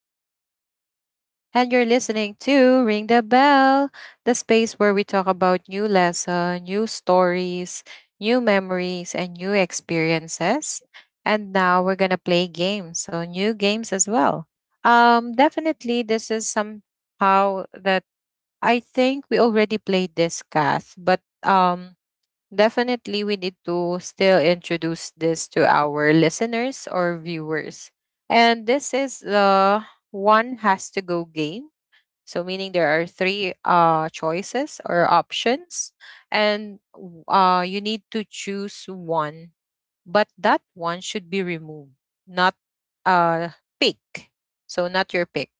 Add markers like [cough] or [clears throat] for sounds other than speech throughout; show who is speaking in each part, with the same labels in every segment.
Speaker 1: host, Javelle. And you're listening to Ring the Bell, the space where we talk about new lesson, new stories, new memories, and new experiences. And now we're going to play games. So, new games as well. Definitely, this is somehow that I think we already played this, Kath. But Definitely, we need to still introduce this to our listeners or viewers. And this is the one has to go game. So, meaning there are three choices or options, and you need to choose one, but that one should be removed, not uh, pick. So, not your pick,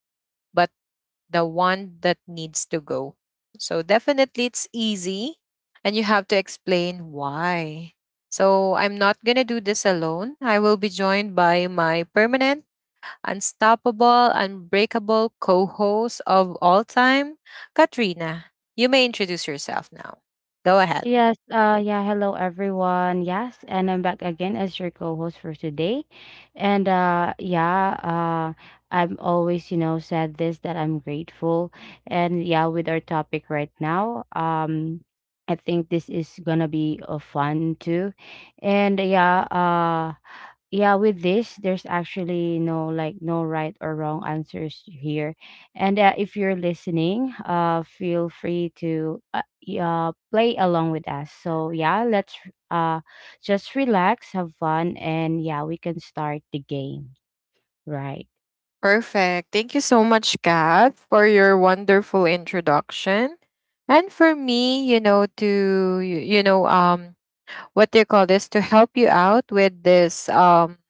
Speaker 1: but the one that needs to go. So definitely it's easy and you have to explain why. So I'm not going to do this alone. I will be joined by my permanent, unstoppable, unbreakable co-host of all time, Katrina. You may introduce yourself now. Go ahead.
Speaker 2: Yes, yeah, hello everyone. Yes, and I'm back again as your co-host for today. And yeah, I'm always, you know, said this that I'm grateful. And yeah, with our topic right now, I think this is gonna be fun too. And yeah, yeah, with this there's actually no, like, no right or wrong answers here, and if you're listening, feel free to play along with us, so yeah, let's uh just relax, have fun, and yeah, we can start the game, right.
Speaker 1: Perfect. Thank you so much, Kat, for your wonderful introduction. And for me, you know, to you, you know, what do you call this to help you out with this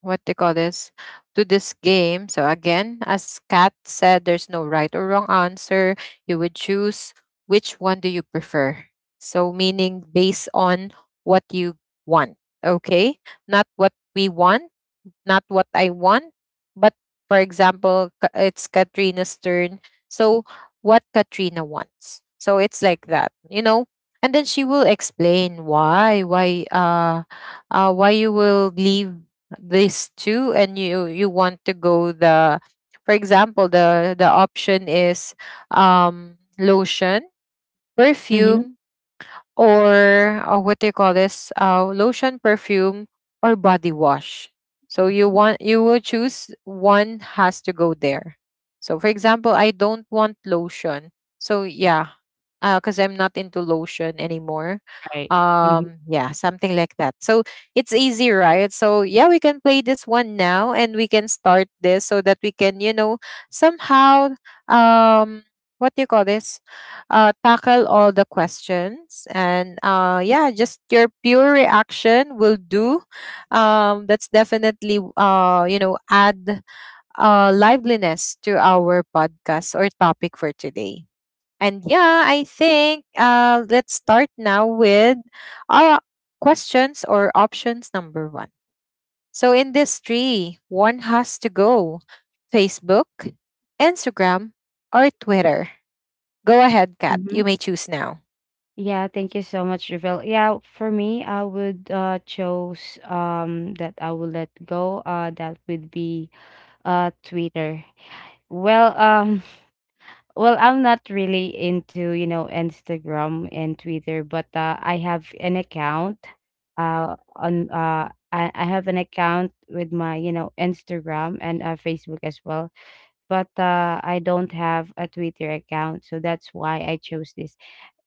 Speaker 1: what do you call this to this game. So again, as Kat said, there's no right or wrong answer. You would choose which one do you prefer. So meaning based on what you want. Okay, not what we want, not what I want. But for example, it's Katrina's turn. So what Katrina wants. So it's like that, you know. And then she will explain why, why you will leave this too, and you want to go the, for example, the option is lotion,
Speaker 2: Mm-hmm.
Speaker 1: perfume, or what do you call this, lotion, perfume, or body wash. So
Speaker 2: Mm-hmm.
Speaker 1: you will choose one has to go there. So for example, I don't want lotion. So yeah, because I'm not into lotion anymore.
Speaker 2: Right. Mm-hmm.
Speaker 1: Yeah, something like that. So it's easy, right? So yeah, we can play this one now and we can start this so that we can, you know, somehow um what do you call this, tackle all the questions. And yeah, just your pure reaction will do. That's definitely you know, add liveliness to our podcast or topic for today. And yeah, I think let's start now with our questions or options number one. So in this tree, one has to go: Facebook, Instagram, or Twitter? Go ahead, Kat,
Speaker 2: Mm-hmm.
Speaker 1: you may choose now.
Speaker 2: Yeah, thank you so much, Ravel. Yeah, for me, I would chose that I will let go, that would be Twitter. Well, [laughs] well, I'm not really into, you know, Instagram and Twitter, but I have an account. I have an account with my, you know, Instagram and Facebook as well. But I don't have a Twitter account, so that's why I chose this.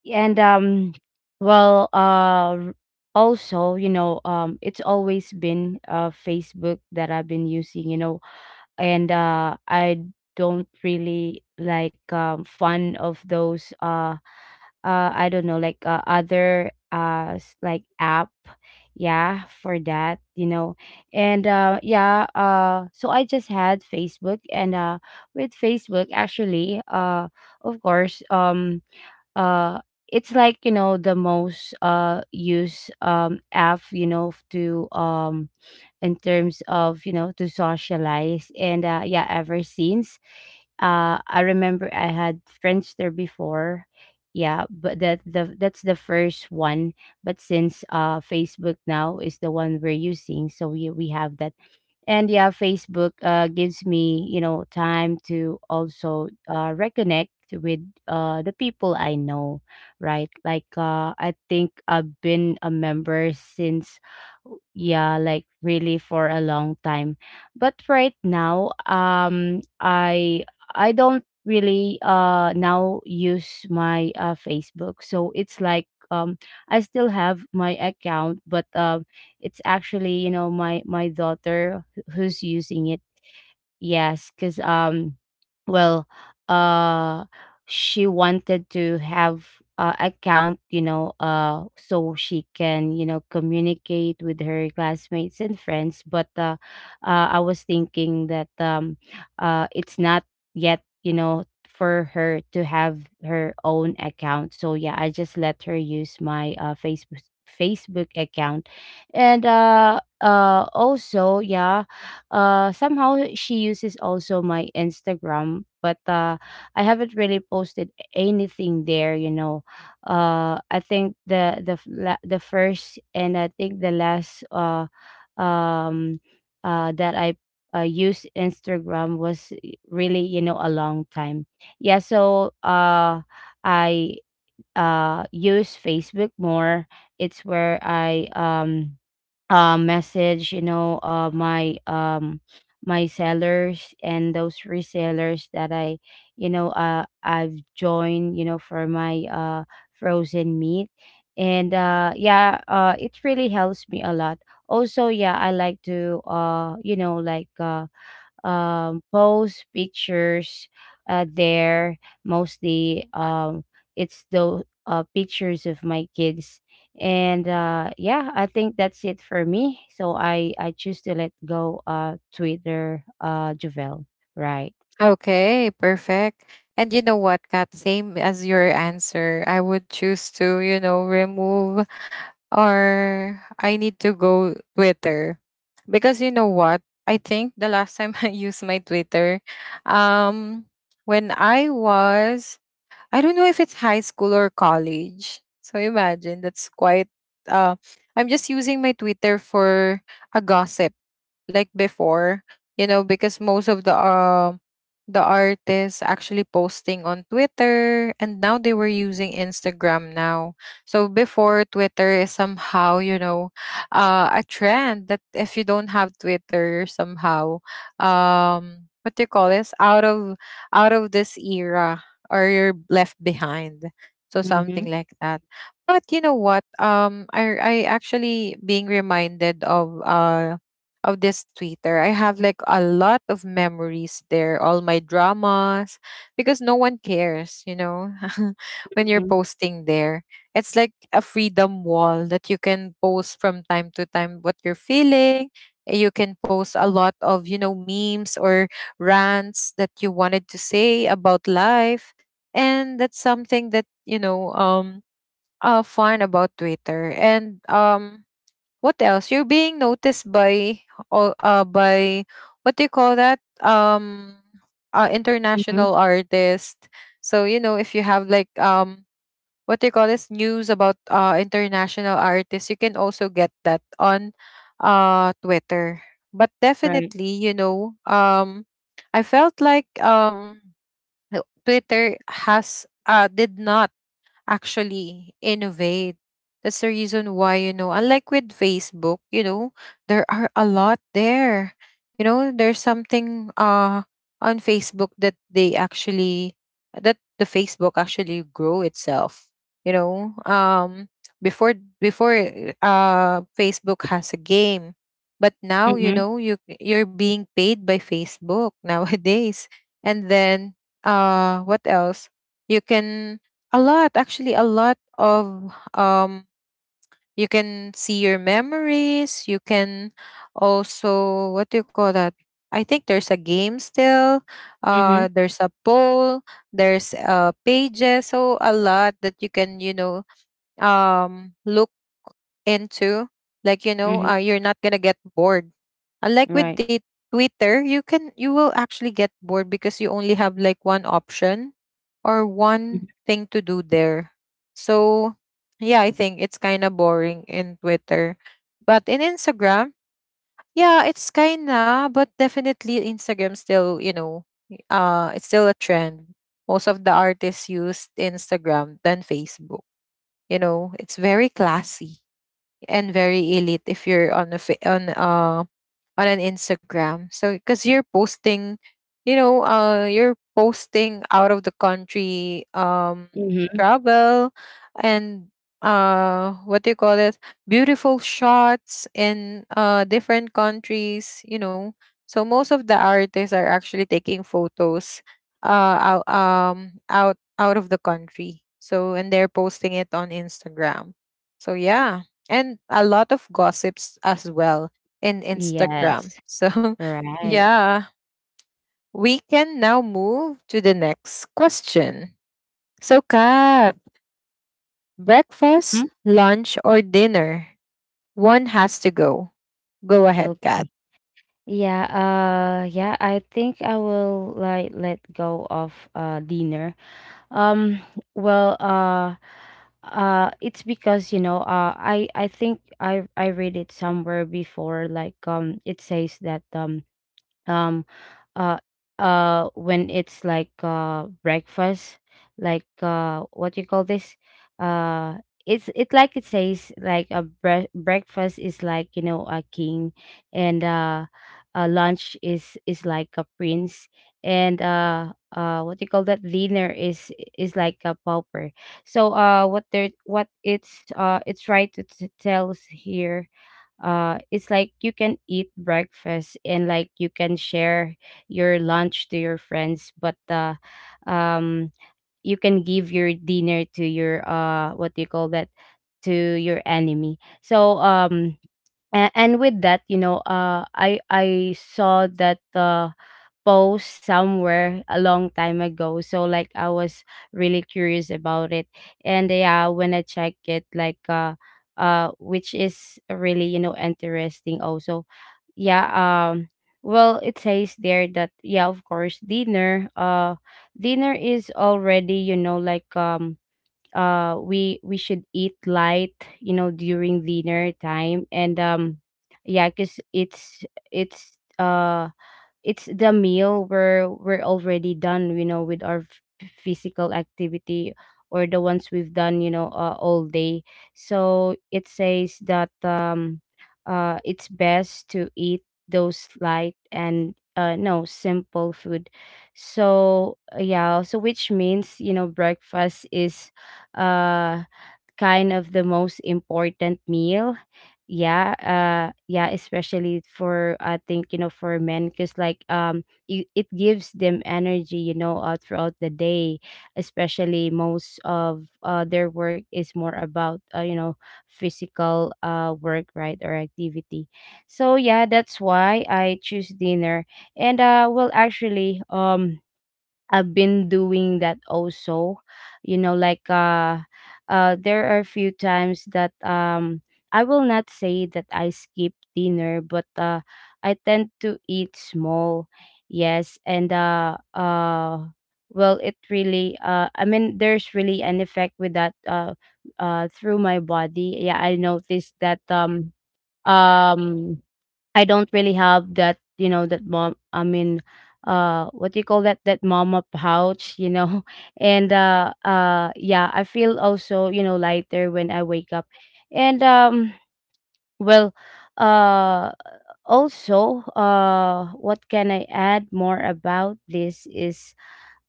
Speaker 2: And well, also, you know, it's always been Facebook that I've been using. You know, and I don't really like fun of those I don't know, like, other like app, yeah, for that, you know. And yeah, so I just had Facebook, and with Facebook actually, of course, uh it's like, you know, the most used app, you know, to in terms of, you know, to socialize. And yeah, ever since, I remember I had friends there before. Yeah, but that the that's the first one. But since Facebook now is the one we're using, so we have that. And yeah, Facebook gives me, you know, time to also reconnect with the people I know, right? Like, I think I've been a member since, yeah, like really for a long time. But right now, I don't really now use my Facebook, so it's like, I still have my account, but it's actually, you know, my daughter who's using it. Yes, because well, uh, she wanted to have account, you know, so she can, you know, communicate with her classmates and friends. But I was thinking that, it's not yet, you know, for her to have her own account. So yeah, I just let her use my Facebook account. And also yeah, somehow she uses also my Instagram, but I haven't really posted anything there. You know, I think the first and I think the last um that I used Instagram was really, you know, a long time. Yeah, so I use Facebook more. It's where I message, you know, my my sellers and those resellers that I, you know, I've joined, you know, for my frozen meat. And yeah, it really helps me a lot. Also yeah, I like to you know, like, post pictures there. Mostly, it's the pictures of my kids, and yeah, I think that's it for me. So I choose to let go Twitter, Javel. Right.
Speaker 1: Okay, perfect. And you know what, Kat, same as your answer. I would choose to, you know, remove or I need to go Twitter. Because you know what? I think the last time [laughs] I used my Twitter, um, when I was, I don't know if it's high school or college. So imagine that's quite, uh, I'm just using my Twitter for a gossip like before, you know, because most of the artists actually posting on Twitter, and now they were using Instagram now. So before, Twitter is somehow, you know, a trend that if you don't have Twitter, you're somehow what do you call this? Out of this era, or you're left behind. So something
Speaker 2: Mm-hmm.
Speaker 1: like that. But you know what? I actually being reminded of this Twitter. I have like a lot of memories there, all my dramas, because no one cares, you know, [laughs] when you're
Speaker 2: Mm-hmm.
Speaker 1: posting there. It's like a freedom wall that you can post from time to time what you're feeling. You can post a lot of, you know, memes or rants that you wanted to say about life. And that's something that, you know, fun about Twitter. And what else? You're being noticed by all by what do you call that?
Speaker 2: Mm-hmm.
Speaker 1: International artist. So, you know, if you have like what do you call this, news about international artists, you can also get that on Twitter. But
Speaker 2: Right.
Speaker 1: definitely, you know, I felt like Twitter has did not actually innovate. That's the reason why, you know, unlike with Facebook, you know, there are a lot there. You know, there's something on Facebook that they actually that the Facebook actually grow itself. You know, um before before Facebook has a game, but now you
Speaker 2: Mm-hmm.
Speaker 1: know you're being paid by Facebook [laughs] nowadays. And then what else? You can a lot, actually, a lot of you can see your memories, you can also what do you call that? I think there's a game still,
Speaker 2: Mm-hmm.
Speaker 1: there's a poll, there's pages, so a lot that you can, you know, look into. Like, you
Speaker 2: Mm-hmm.
Speaker 1: know, you're not gonna get bored. Unlike with
Speaker 2: Right.
Speaker 1: the Twitter, you will actually get bored because you only have like one option or one thing to do there. So, yeah, I think it's kind of boring in Twitter. But in Instagram, yeah, it's kind of, but definitely Instagram still, you know, it's still a trend. Most of the artists used Instagram than Facebook. You know, it's very classy and very elite if you're on a on on an Instagram. So because you're posting, you know, you're posting out of the country,
Speaker 2: Mm-hmm.
Speaker 1: travel, and what do you call it? Beautiful shots in different countries. You know, so most of the artists are actually taking photos, out of the country. So and they're posting it on Instagram. So yeah, and a lot of gossips as well in Instagram.
Speaker 2: Yes.
Speaker 1: So, [laughs]
Speaker 2: Right.
Speaker 1: yeah, we can now move to the next question. So, Kat, breakfast,
Speaker 2: Mhm.
Speaker 1: lunch, or dinner? One has to go. Go ahead, Kat.
Speaker 2: Okay. Yeah, yeah, I think I will, like, let go of dinner. Um well uh it's because, you know, I think I read it somewhere before, like, it says that um uh when it's like breakfast, like, what do you call this, uh it's it, like, it says like a breakfast is, like, you know, a king, and a lunch is like a prince, and what do you call that, dinner is like a pauper. So what they're, what it's, it's right to tell us here, it's like you can eat breakfast, and like, you can share your lunch to your friends, but um you can give your dinner to your what do you call that, to your enemy. So and with that, you know, I saw that post somewhere a long time ago, so like I was really curious about it. And yeah, when I check it, like, which is really, you know, interesting also. Yeah, um well, it says there that yeah, of course, dinner is already, you know, like, we should eat light, you know, during dinner time. And yeah, because it's uh it's the meal where we're already done, you know, with our physical activity, or the ones we've done, you know, all day. So it says that it's best to eat those light and no simple food. So yeah, so which means, you know, breakfast is uh kind of the most important meal. Yeah, yeah, especially for, I think, you know, for men, cuz like, it gives them energy, you know, throughout the day, especially most of their work is more about, you know, physical work, right, or activity. So yeah, that's why I choose dinner. And well, actually, I've been doing that also. You know, like, there are a few times that I will not say that I skip dinner, but I tend to eat small. Yes, and well, it really I mean, there's really an effect with that through my body. Yeah, I noticed that um I don't really have that, you know, that mom. I mean, what do you call that? That mama pouch, you know. [laughs] And yeah, I feel also, you know, lighter when I wake up. And well, uh, also, what can I add more about this is,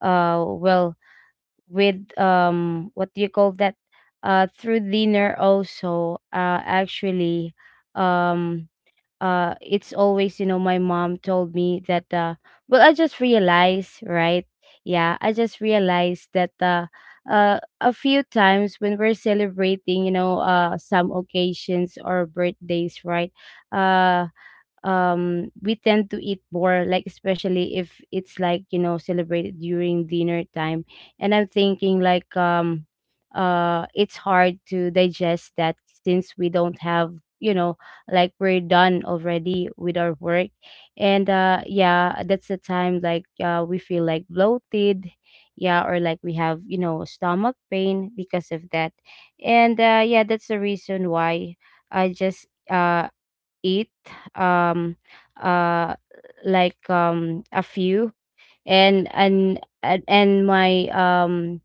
Speaker 2: well, with what do you call that, through dinner also, actually, um it's always, you know, my mom told me that, well, I just realized, right, yeah, I just realized that a few times when we're celebrating, you know, some occasions or birthdays, right, uh we tend to eat more, like, especially if it's like, you know, celebrated during dinner time. And I'm thinking like, it's hard to digest that, since we don't have, you know, like, we're done already with our work. And yeah, that's the time, like, we feel, like, bloated, yeah, or like, we have, you know, stomach pain because of that. And yeah, that's the reason why I just eat um uh like, a few. And my um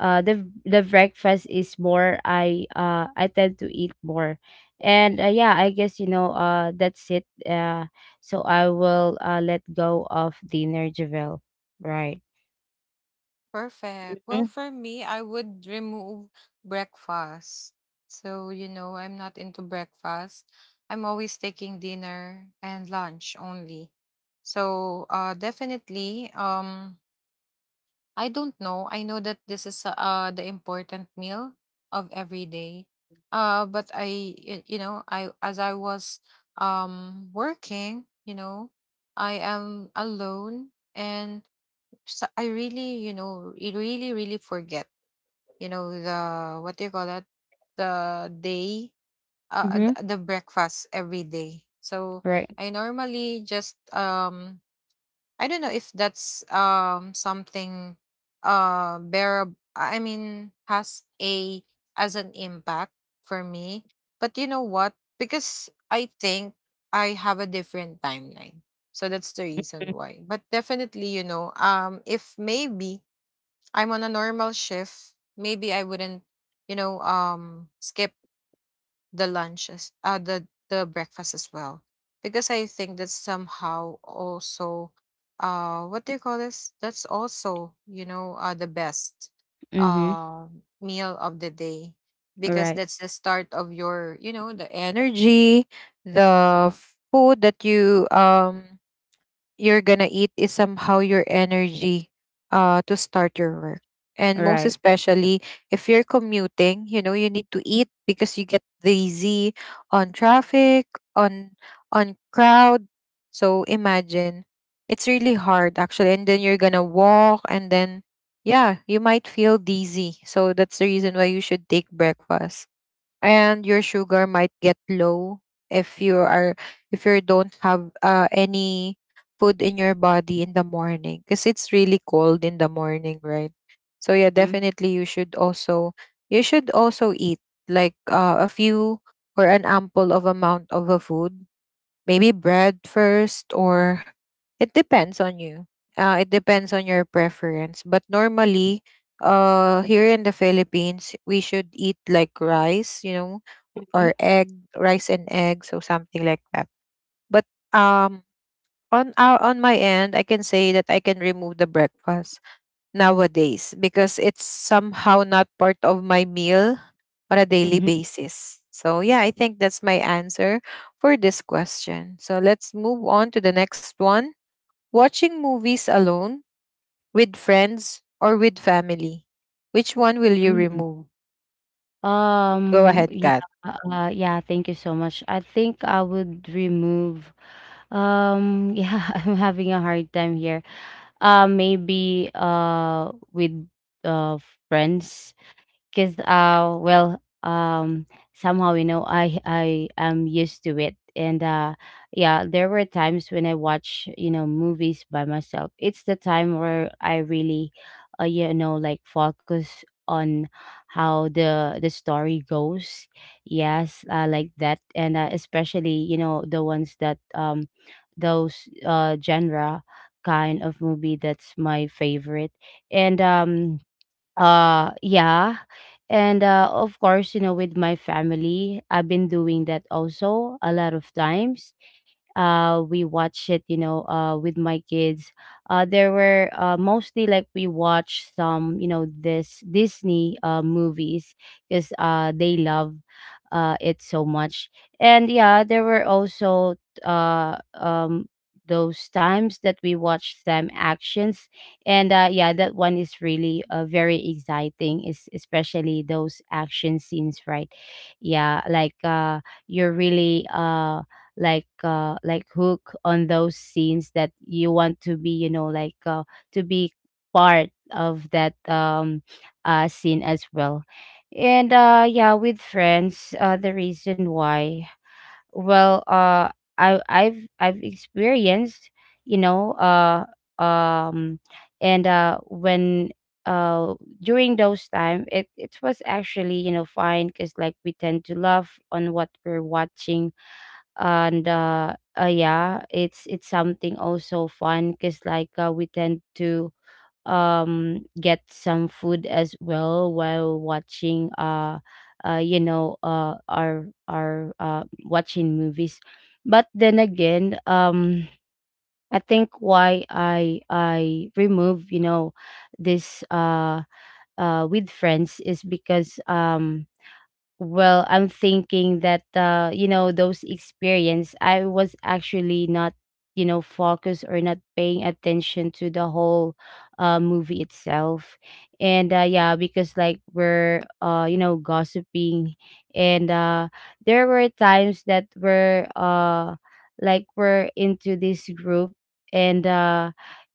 Speaker 2: uh the the breakfast is more, I tend to eat more. And yeah, I guess, you know, that's it. So I will let go of dinner, Javel. Right.
Speaker 1: Perfect. Well, for me, I would remove breakfast. So, you know, I'm not into breakfast. I'm always taking dinner and lunch only. So, definitely, I don't know. I know that this is the important meal of every day. But you know, I as I was working, you know, I am alone, and so I really, you know, it really really forget, you know, the what do you call that? The day uh uh,
Speaker 2: Mm-hmm.
Speaker 1: the the breakfast every day. So
Speaker 2: Right.
Speaker 1: I normally just I don't know if that's something bearable, I mean has a as an impact for me. But you know what? Because I think I have a different timeline. So that's the reason why. But definitely, you know, if maybe I'm on a normal shift, maybe I wouldn't, you know, skip the lunches, the the breakfast as well, because I think that's somehow also, what do you call this? That's also, you know, the best,
Speaker 2: Mm-hmm.
Speaker 1: uh, meal of the day, because
Speaker 2: Right.
Speaker 1: that's the start of your, you know, the energy, the food that you you're gonna eat is somehow your energy to start your work. And most
Speaker 2: Right.
Speaker 1: especially if you're commuting, you know, you need to eat because you get dizzy on traffic, on on crowd. So imagine, it's really hard actually, and then you're gonna walk and then yeah, you might feel dizzy. So that's the reason why you should take breakfast. And your sugar might get low if you are if you don't have any food in your body in the morning, because it's really cold in the morning, right? So yeah,
Speaker 2: Mm-hmm.
Speaker 1: definitely you should also eat like a few or an ample of amount of a food, maybe bread first, or it depends on you, it depends on your preference. But normally, here in the Philippines, we should eat like rice, you know, or egg, rice and eggs, or something like that. But um on our on my end, I can say that I can remove the breakfast nowadays, because it's somehow not part of my meal on a daily basis. So, yeah, I think that's my answer for this question. So, let's move on to the next one. Watching movies alone, with friends, or with family. Which one will you
Speaker 2: Mm-hmm.
Speaker 1: remove? Go ahead,
Speaker 2: Yeah,
Speaker 1: Kat.
Speaker 2: [laughs] yeah, thank you so much. I think I would remove, [laughs] yeah, I'm having a hard time here. Maybe with uh friends, because well, somehow, you know, I am used to it. And yeah, there were times when I watch, you know, movies by myself, it's the time where I really you know, like, focus on how the story goes. Yes, I like that. And especially, you know, the ones that, those genre kind of movie, that's my favorite. And yeah. And of course, you know, with my family, I've been doing that also a lot of times. We watch it, you know, with my kids. There were mostly like we watch some, you know, this Disney movies because they love it so much. And yeah, there were also uh um those times that we watched them actions. And yeah, that one is really very exciting, is especially those action scenes, right? Yeah, like you're really like hook on those scenes that you want to be, you know, like to be part of that scene as well. And yeah, with friends, the reason why, well, I've experienced, you know. Um and when uh During those time, it was actually, you know, fine because like we tend to laugh on what we're watching. And yeah, it's something also fun because like, we tend to get some food as well while watching, you know, our watching movies. But then again, I think why I remove, you know, this with friends is because, well, I'm thinking that, you know, those experience, I was actually not, you know, focused or not paying attention to the whole movie itself. And yeah, because like we're, you know, gossiping. And there were times that we're like we're into this group, and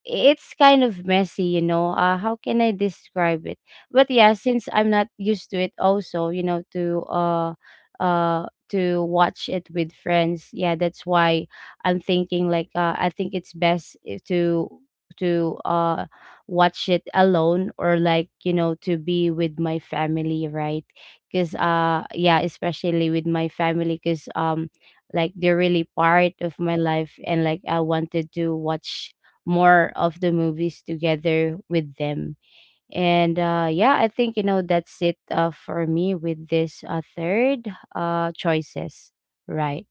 Speaker 2: it's kind of messy, you know. How can I describe it? But yeah, since I'm not used to it also, you know, to watch it with friends, yeah, that's why I'm thinking like, I think it's best if to to watch it alone, or like, you know, to be with my family, right? Because yeah, especially with my family, because, like they're really part of my life, and like I wanted to watch more of the movies together with them. And yeah, I think, you know, that's it, for me with this, third choices, right,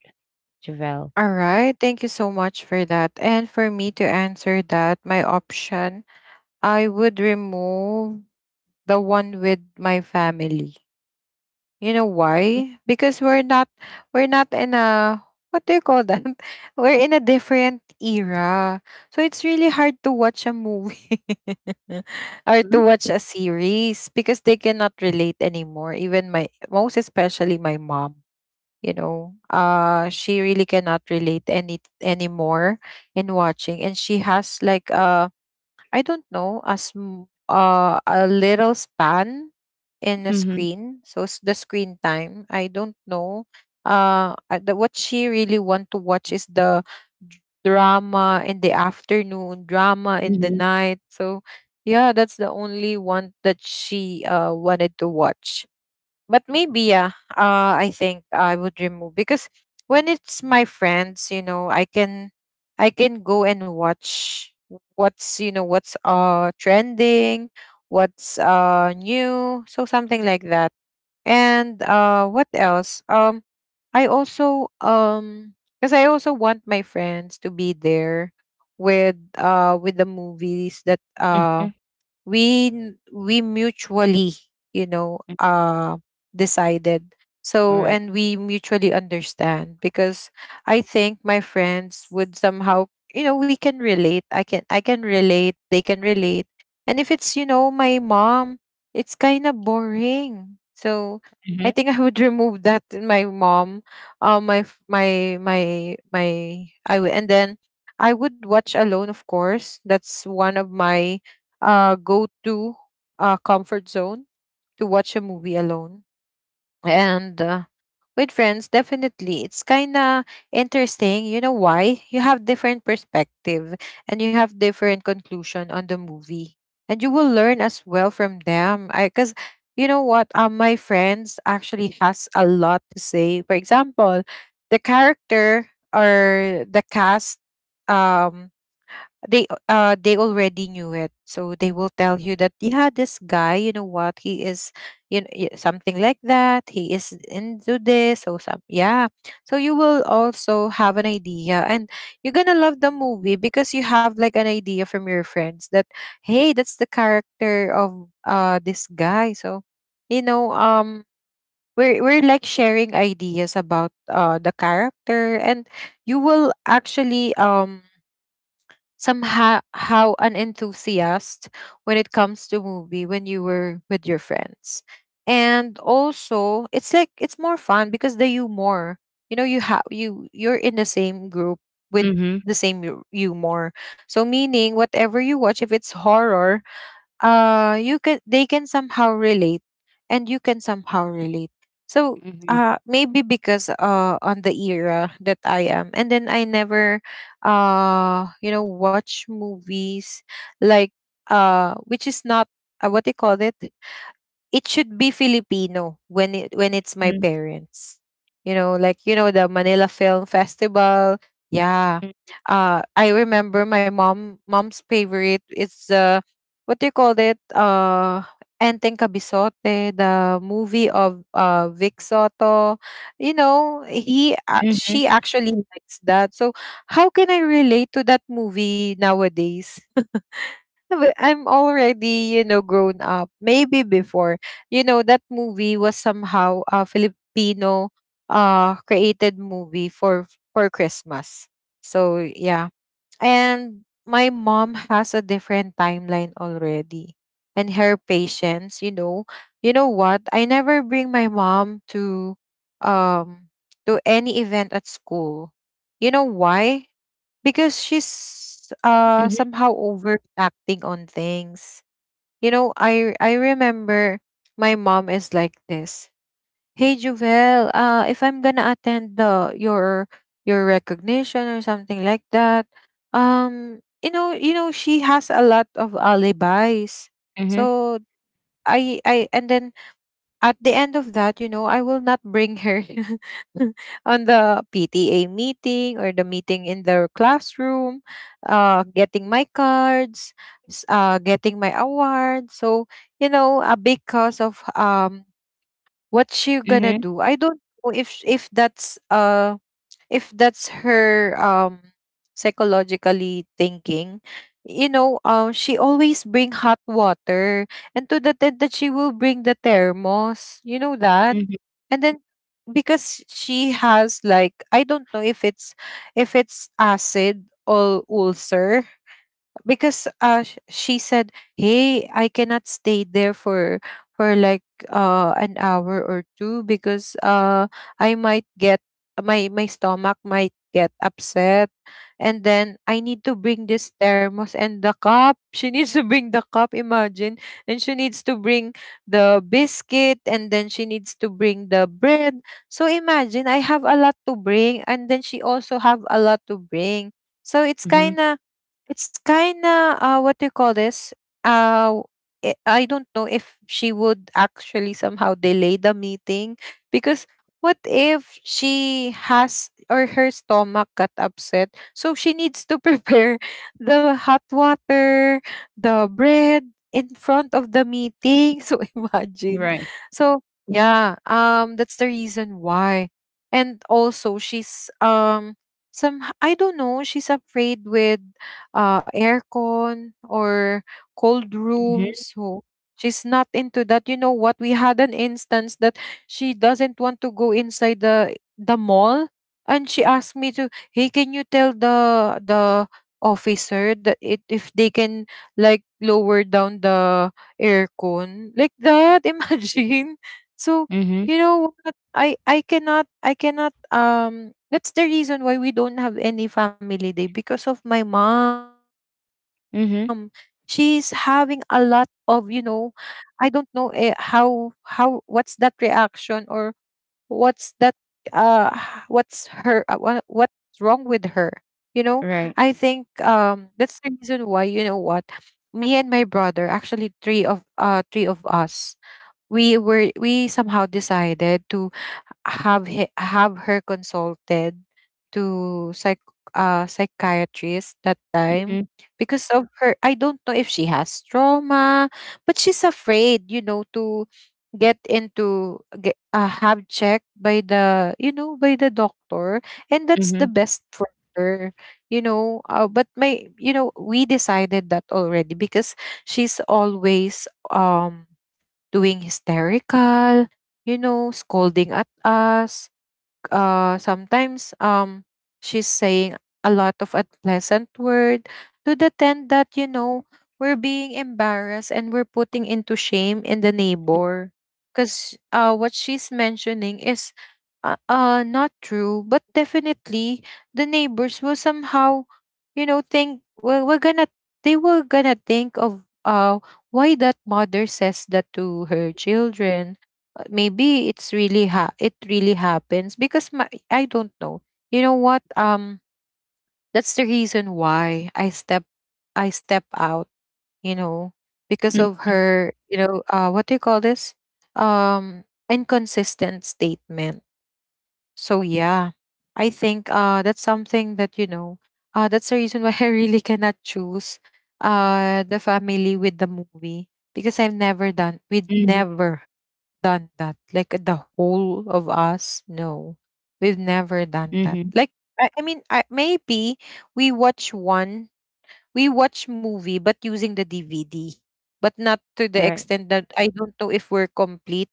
Speaker 2: Javel?
Speaker 1: All right. Thank you so much for that. And for me to answer that, my option, I would remove the one with my family. You know why? Because we're not in a what do you call that? [laughs] We're in a different era. So it's really hard to watch a movie [laughs] or to
Speaker 2: Mhm.
Speaker 1: watch a series because they cannot relate anymore. Even my most especially my mom, you know. She really cannot relate anymore in watching, and she has like a I don't know, as a little span in the
Speaker 2: Mm-hmm.
Speaker 1: screen. So the screen time, I don't know. The, what she really want to watch is the drama in the afternoon, drama in the
Speaker 2: Mm-hmm.
Speaker 1: night. So yeah, that's the only one that she wanted to watch, but maybe yeah, I think I would remove because when it's my friends, you know, I can I can go and watch what's, you know, what's trending, what's new, so something like that. And what else? I also because I also want my friends to be there with the movies that uh
Speaker 2: Mm-hmm.
Speaker 1: we n- we mutually, you know, decided. So
Speaker 2: Right.
Speaker 1: and we mutually understand because I think my friends would somehow, you know, we can relate, I can I can relate, they can relate. And if it's, you know, my mom, it's kind of boring. So I
Speaker 2: Mm-hmm.
Speaker 1: think I would [laughs] remove that, my mom. Uh, my f- my my my I would, and then I would watch alone, of course. That's one of my go to comfort zone, to watch a movie alone. And with friends, definitely it's kind of interesting, you know why? You have different perspective and you have different conclusion on the movie, and you will learn as well from them. I Because you know what my friends actually has a lot to say. For example, the character or the cast. um they they already knew it, so they will tell you that, yeah, this guy, you know what he is, you know, something like that. He is into this or some, yeah. So you will also have an idea, and you're gonna love the movie because you have like an idea from your friends that, hey, that's the character of this guy. So you know um we're like sharing ideas about the character. And you will actually somehow how an enthusiast when it comes to movie when you were with your friends. And also, it's like it's more fun because the humor, you know, you have you're in the same group with
Speaker 2: Mm-hmm.
Speaker 1: the same humor. So meaning whatever you watch, if it's horror, you can, they can somehow relate, and you can somehow relate. So
Speaker 2: Mm-hmm.
Speaker 1: maybe because on the era that I am, and then I never you know, watch movies like which is not what they call it, it should be Filipino when it when it's my
Speaker 2: Mm-hmm.
Speaker 1: parents. You know, like, you know, the Manila Film Festival. Yeah. I remember my mom's favorite is what do you call it? Enteng Kabisote, the movie of Vic Soto. You know,
Speaker 2: Mm-hmm.
Speaker 1: she actually likes that. So how can I relate to that movie nowadays? I'm already, you know, grown up. Maybe before, you know, that movie was somehow a Filipino created movie for Christmas. So yeah. And my mom has a different timeline already. And her patience, you know what? I never bring my mom um to any event at school. You know why? Because she's somehow overacting on things. You know, I remember my mom is like this. Hey Juvel, if I'm gonna attend the your recognition or something like that, you know, she has a lot of alibis.
Speaker 2: Mm-hmm.
Speaker 1: So I, and then at the end of that, you know, I will not bring her [laughs] on the PTA meeting or the meeting in the classroom, getting my cards, getting my award. So, you know, because of what she gonna
Speaker 2: Mm-hmm.
Speaker 1: do. I don't know if that's if that's her psychologically thinking, you know. She always bring hot water and to the tent that she will bring the thermos, you know that.
Speaker 2: Mm-hmm.
Speaker 1: And then because she has like, I don't know if it's acid or ulcer, because she said, hey, I cannot stay there for like an hour or two, because I might get my stomach might get upset, and then I need to bring this thermos and the cup. [laughs] She needs to bring the cup, imagine. And she needs to bring the biscuit, and then she needs to bring the bread. So imagine, I have a lot to bring, and then she also have a lot to bring. So it's
Speaker 2: Mm-hmm.
Speaker 1: kind of, it's kinda, what do you call this? Uh I I don't know if she would actually somehow delay the meeting, because what if she has or her stomach got upset? So she needs to prepare [laughs] the hot water, the bread in front of the meeting. [laughs] So imagine.
Speaker 2: Right.
Speaker 1: So yeah, that's the reason why. And also she's, some, I don't know, she's afraid with aircon or cold
Speaker 2: Mm-hmm.
Speaker 1: rooms. So she's not into that. You know what? We had an instance that she doesn't want to go inside the mall, and she asked me to, "Hey, can you tell the officer that it if they can like lower down the aircon like that? [laughs] Imagine." So
Speaker 2: Mm-hmm.
Speaker 1: you know what? I cannot, I cannot that's the reason why we don't have any family day, because of my mom. She's having
Speaker 2: Mm-hmm.
Speaker 1: a lot of, you know, I don't know, how, what's that reaction, or what's that what's her what's wrong with her, you know. I think
Speaker 2: Right.
Speaker 1: that's the reason why, you know what, me and my brother, actually three of, three of us, we somehow decided to have her consulted to psychiatrist that time,
Speaker 2: Mm-hmm.
Speaker 1: because of her, I don't know if she has trauma, but she's afraid, you know, to have checked by the you know by the doctor, and that's the
Speaker 2: Mm-hmm.
Speaker 1: best for her, you know. But my you know we decided that already, because she's always doing hysterical, you know, scolding at us. Sometimes she's saying a lot of unpleasant word to the tent that, you know, we're being embarrassed and we're putting into shame in the neighbor, because what she's mentioning is not true, but definitely the neighbors will somehow, you know, think, well, we're gonna, they were gonna think of why that mother says that to her children. Maybe it's really it really happens because my, I don't know. You know what? That's the reason why I step out. You know, because
Speaker 2: Mm-hmm.
Speaker 1: of her. You know, what do you call this? Um, inconsistent statement. So yeah, I think that's something that, you know. That's the reason why [laughs] I really cannot choose the family with the movie, because I've never done with
Speaker 2: Mm-hmm.
Speaker 1: never done that. Like the whole of us, no, we've never done
Speaker 2: Mm-hmm.
Speaker 1: that. Like maybe we watch one, we watch movie, but using the DVD, but not to the
Speaker 2: Right.
Speaker 1: extent that I don't know if we're complete.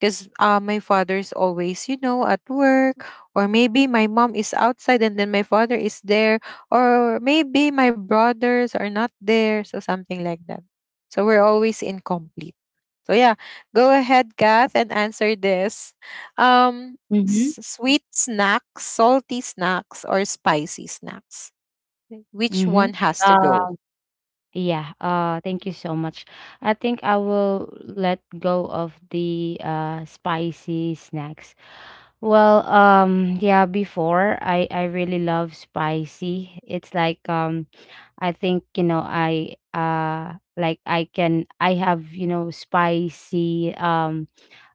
Speaker 1: Because my father's always, you know, at work, or maybe my mom is outside and then my father is there, or maybe my brothers are not there, so something like that. So we're always incomplete. So yeah, go ahead, Kath, and answer this. Um,
Speaker 2: Mm-hmm.
Speaker 1: sweet snacks, salty snacks, or spicy snacks? Which
Speaker 2: Mm-hmm.
Speaker 1: one has to go?
Speaker 2: Yeah, thank you so much. I think I will let go of the spicy snacks. Well, yeah, before I really love spicy. It's like, I think, you know, I like I can, I have, you know, spicy, um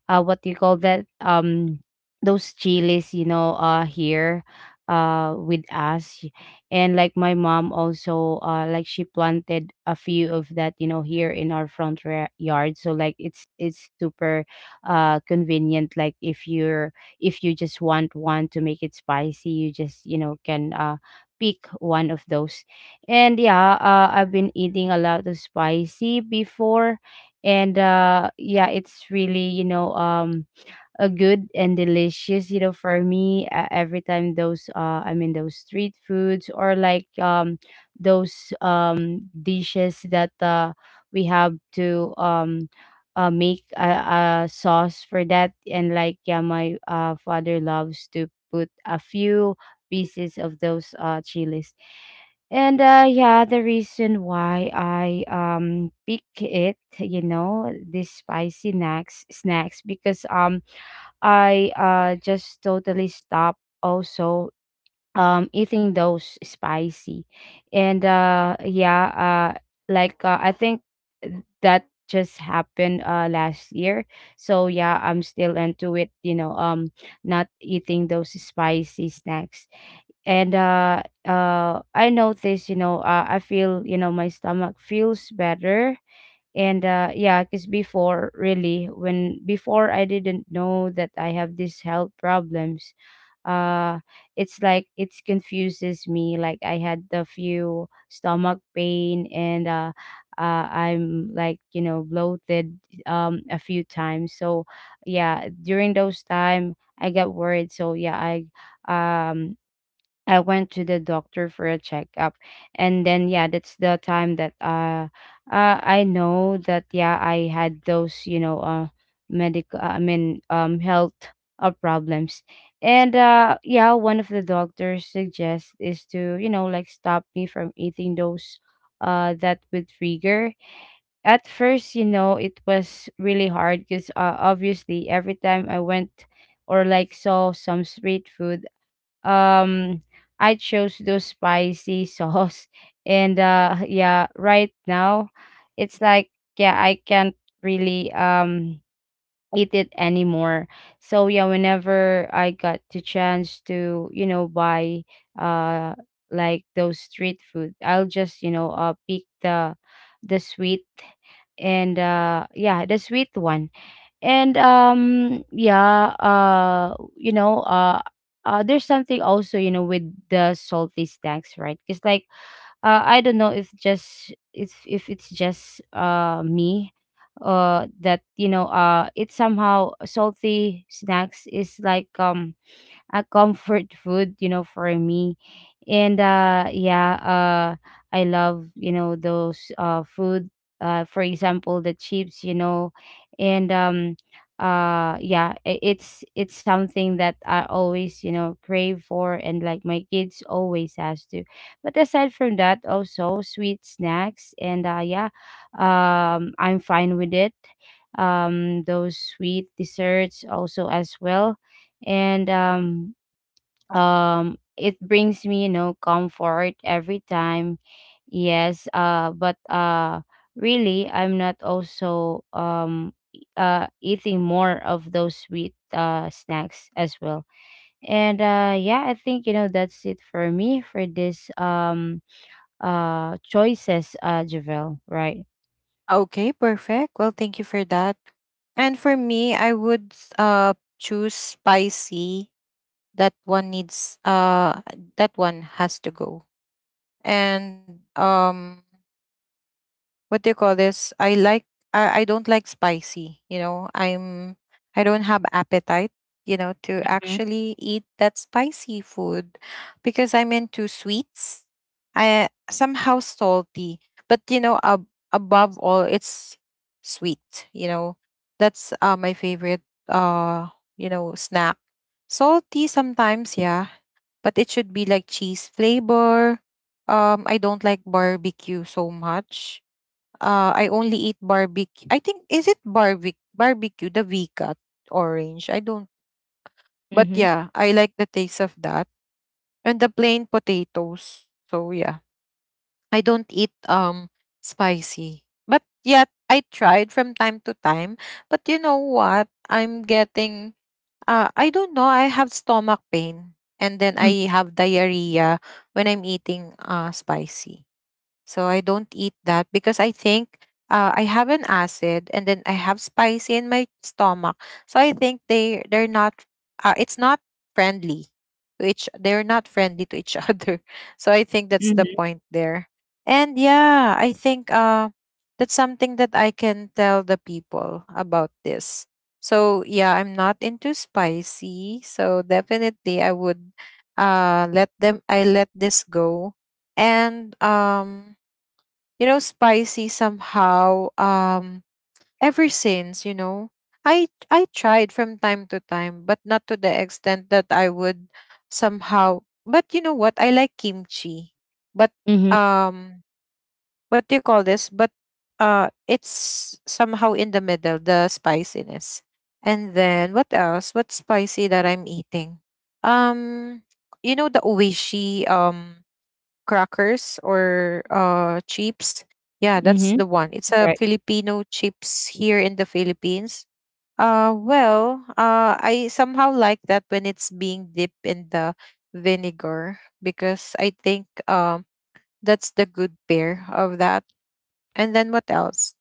Speaker 2: uh what do you call that, those chilies, you know, here with us. And like my mom also like she planted a few of that, you know, here in our front yard. So like it's super convenient. Like if you're, if you just want one to make it spicy, you just, you know, can pick one of those. And yeah, I've been eating a lot of spicy before. And yeah, it's really, you know, a good and delicious, you know, for me. Every time those, I mean those street foods, or like, those, dishes that we have to, make a sauce for that. And like yeah, my father loves to put a few pieces of those chilies. And yeah, the reason why I pick it, you know, this spicy snacks, because, I just totally stopped also eating those spicy. And yeah, like, I think that just happened last year. So yeah, I'm still into it, you know, not eating those spicy snacks. And I notice, you know, I feel, you know, my stomach feels better. And yeah, because before, really, when before I didn't know that I have these health problems. uh it's like it confuses me. Like I had the few stomach pain, and I'm like, you know, bloated, a few times, so yeah, during those time I got worried. So yeah, I, um I went to the doctor for a checkup. And then yeah, that's the time that, I know that yeah, I had those, you know, medical, I mean, health, problems. And yeah, one of the doctors suggests is to, you know, like stop me from eating those that with trigger. At first, you know, it was really hard because, obviously, every time I went or like saw some street food, um I chose those spicy sauce. [laughs] And yeah, right now it's like, yeah, I can't really eat it anymore. So yeah, whenever I got the chance to, you know, buy uh like those street food, I'll just, you know, pick the sweet, and yeah, the sweet one. And yeah, you know, there's something also, you know, with the salty snacks, right? Because like, I don't know if just, if it's just me, that, you know, it's somehow salty snacks is like, a comfort food, you know, for me. And yeah, I love, you know, those food, for example, the chips, you know. And yeah, it's something that I always, you know, crave for, and like my kids always has to. But aside from that, also sweet snacks, and yeah, I'm fine with it. Those sweet desserts also as well, and it brings me, you know, comfort every time. Yes, but really, I'm not also eating more of those sweet snacks as well. And yeah, I think, you know, that's it for me for this choices, Javel, right?
Speaker 1: Okay, perfect. Well, thank you for that. And for me, I would choose spicy. That one needs that one has to go. And what do you call this? I don't like spicy, you know. I don't have appetite, you know, to
Speaker 2: Mm-hmm.
Speaker 1: actually eat that spicy food, because I'm into sweets. I somehow salty, but you know, above all it's sweet, you know. That's my favorite uh, you know, snack. Salty sometimes, yeah, but it should be like cheese flavor. I don't like barbecue so much. I only eat barbecue. I think, is it barbecue? Barbecue, the V-cut orange. I don't. But
Speaker 2: Mm-hmm.
Speaker 1: yeah, I like the taste of that and the plain potatoes. So yeah, I don't eat spicy. But yeah, I tried from time to time. But you know what? I'm getting. I don't know. I have stomach pain and then I have diarrhea when I'm eating spicy. So I don't eat that because I think I have an acid and then I have spicy in my stomach. So I think they're not it's not friendly to each, they're not friendly to each [laughs] other. So I think that's the
Speaker 2: Mm-hmm.
Speaker 1: point there. And yeah, I think that's something that I can tell the people about this. So yeah, I'm not into spicy. So definitely I would let them I let this go and spicy somehow, ever since, I tried from time to time, but not to the extent that I would somehow. But you know what? I like kimchi, but
Speaker 2: Mm-hmm.
Speaker 1: um what do you call this? But it's somehow in the middle, the spiciness. And then what else? What's spicy that I'm eating? um you know, the oishi, crackers or chips. Yeah, that's
Speaker 2: Mm-hmm.
Speaker 1: the one. It's a
Speaker 2: Right.
Speaker 1: Filipino chips here in the Philippines. I somehow like that when it's being dipped in the vinegar, because I think that's the good pair of that. And then what else?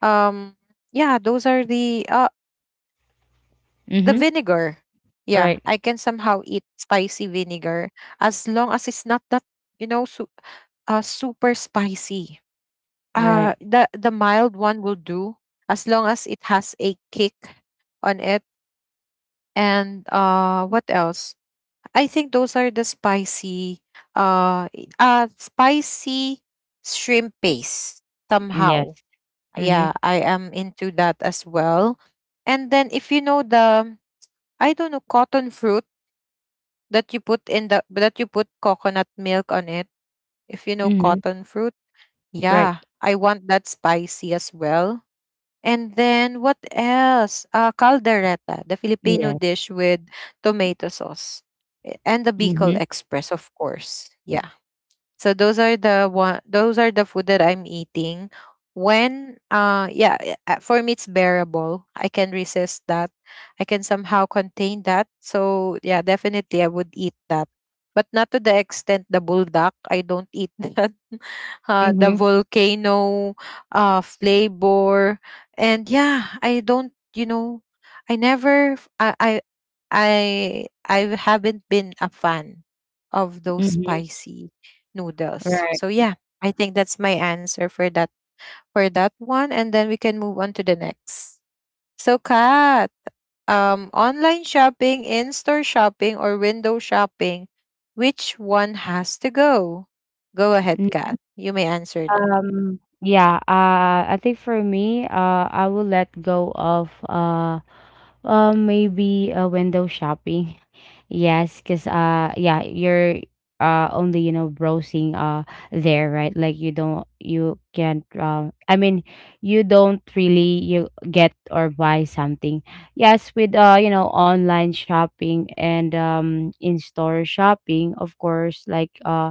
Speaker 1: um yeah, those are the vinegar.
Speaker 2: Mm-hmm.
Speaker 1: Yeah, I can somehow eat
Speaker 2: Right.
Speaker 1: spicy vinegar, as long as it's not that, you know, super spicy. uh the
Speaker 2: Right.
Speaker 1: the mild one will do, as long as it has a kick on it. And what else? I think those are the spicy, spicy shrimp paste
Speaker 2: Yes.
Speaker 1: somehow.
Speaker 2: Mm-hmm.
Speaker 1: Yeah, I am into that as well. And then, if you know the, I don't know, cotton fruit that you put in the, that you put coconut milk on it, if you know
Speaker 2: Mm-hmm.
Speaker 1: cotton fruit,
Speaker 2: Right.
Speaker 1: yeah, I want that spicy as well. And then what else? Caldereta, the Filipino
Speaker 2: Yeah.
Speaker 1: dish with tomato sauce. Eh, and the Bicol
Speaker 2: Mhm.
Speaker 1: Express, of course. Yeah. So those are the one, those are the food that I'm eating. When yeah, for me it's bearable. I can resist that. I can somehow contain that. So yeah, definitely I would eat that. But not to the extent the bulldog. I don't eat [laughs] that. The
Speaker 2: Mhm.
Speaker 1: volcano flavor. And yeah, I don't, you know, I never f- I I haven't been a fan of those
Speaker 2: Mhm.
Speaker 1: spicy noodles.
Speaker 2: Right.
Speaker 1: So yeah, I think that's my answer for that, for that one, and then we can move on to the next. So Kat, online shopping, in-store shopping, or window shopping, which one has to go? Go ahead,
Speaker 2: N-
Speaker 1: Kat. You may answer now.
Speaker 2: Yeah, I think for me, I will let go of, maybe, window shopping. [laughs] Yes, because yeah, you're only, you know, browsing there, right? Like you can't, I mean, you don't really, you get or buy something. Yes, with, you know, online shopping and in-store shopping, of course, like,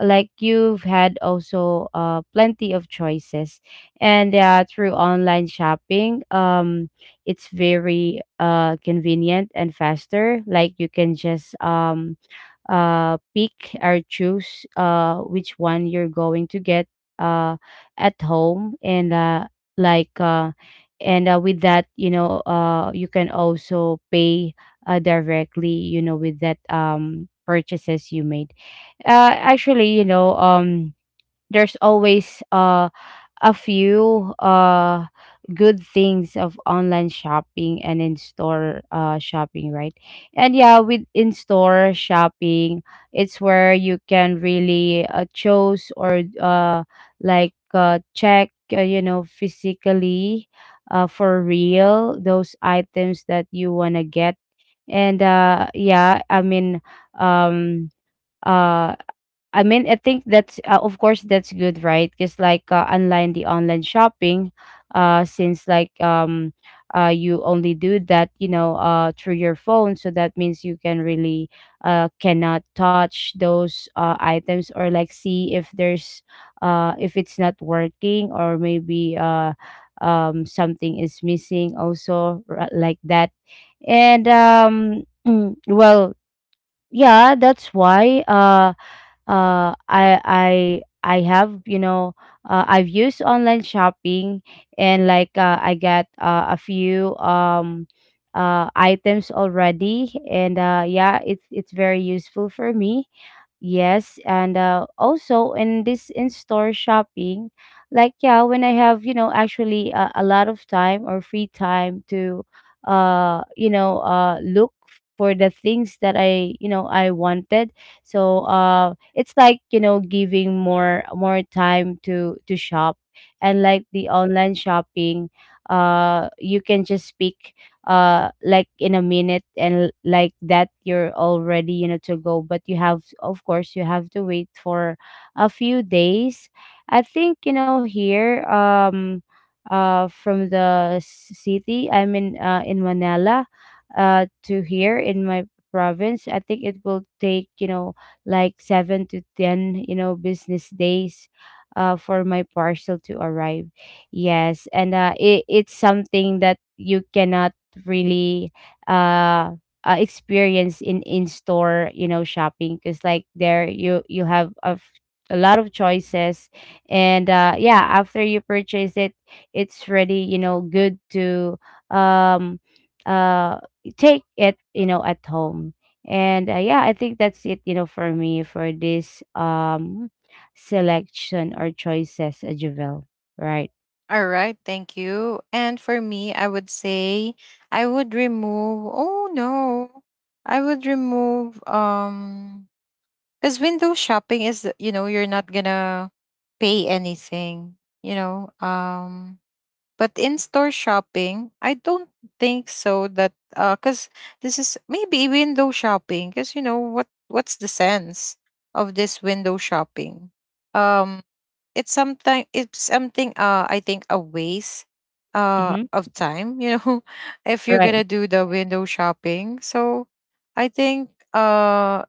Speaker 2: like you've had also, plenty of choices. And, through online shopping, it's very, convenient and faster. Like you can just, pick or choose, which one you're going to get, uh, at home. And uh, like uh, and uh, with that, you know, you can also pay, directly, you know, with that, purchases you made. Actually, you know, there's always a few good things of online shopping and in store shopping, right? And yeah, with in store shopping, it's where you can really, choose or, like, check, you know, physically, for real, those items that you want to get. And yeah, um uh I mean, I think that's, of course, that's good, right? Because like, online the online shopping, since like, you only do that, you know, through your phone. So that means you can really cannot touch those items, or like see if there's, if it's not working, or maybe something is missing also, like that. And [clears throat] well, yeah, that's why. I have, you know, I've used online shopping. And like, I got, a few items already. And yeah, it's very useful for me. Yes, and, also in this in-store shopping, like yeah, when I have, you know, actually, a lot of time or free time to, you know, look for the things that I you know, I wanted. So it's like, you know, giving more time to shop, and like the online shopping, you can just pick like in a minute, and like that you're already, you know, to go. But you have, of course, you have to wait for a few days. I think, you know, here, from the city I'm in, in Manila, to here in my province, I think it will take, you know, like 7 to 10, you know, business days for my parcel to arrive. Yes, and it's something that you cannot really, uh, experience in in-store, you know, shopping because like there you have a lot of choices. And yeah, after you purchase it, it's really, you know, good to um uh take it, you know, at home. And, yeah, I think that's it, you know, for me for this selection or choices, a Javel. Right.
Speaker 1: All right, thank you. And for me, I would say I would remove, oh no, I would remove, because window shopping is, you know, you're not gonna pay anything, you know. But in store shopping, I don't think so, that because this is maybe window shopping. Because you know what, what's the sense of this window shopping? Um, it's something, it's something. I think a waste
Speaker 2: Mm-hmm.
Speaker 1: of time, you know, [laughs] if you're gonna
Speaker 2: Right.
Speaker 1: do the window shopping. So I think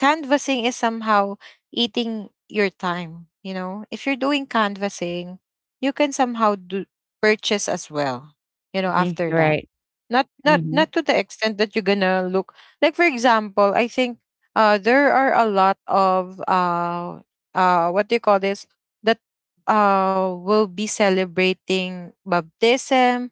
Speaker 1: canvassing is somehow eating your time, you know. If you're doing canvassing, you can somehow do purchase as well, you know, after
Speaker 2: Mm-hmm.
Speaker 1: that.
Speaker 2: Right.
Speaker 1: Not, not,
Speaker 2: Mm-hmm.
Speaker 1: not to the extent that you're gonna look, like for example, I think there are a lot of what do you call this, that will be celebrating baptism,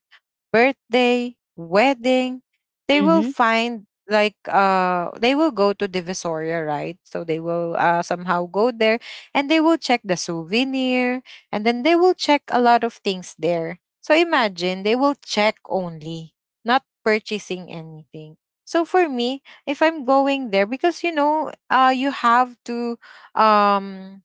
Speaker 1: birthday, wedding, they will
Speaker 2: Mm-hmm.
Speaker 1: find, like they will go to Divisoria, right? So they will somehow go there and they will check the souvenir, and then they will check a lot of things there. So imagine, they will check only, not purchasing anything. So for me, if I'm going there, because you know, you have to um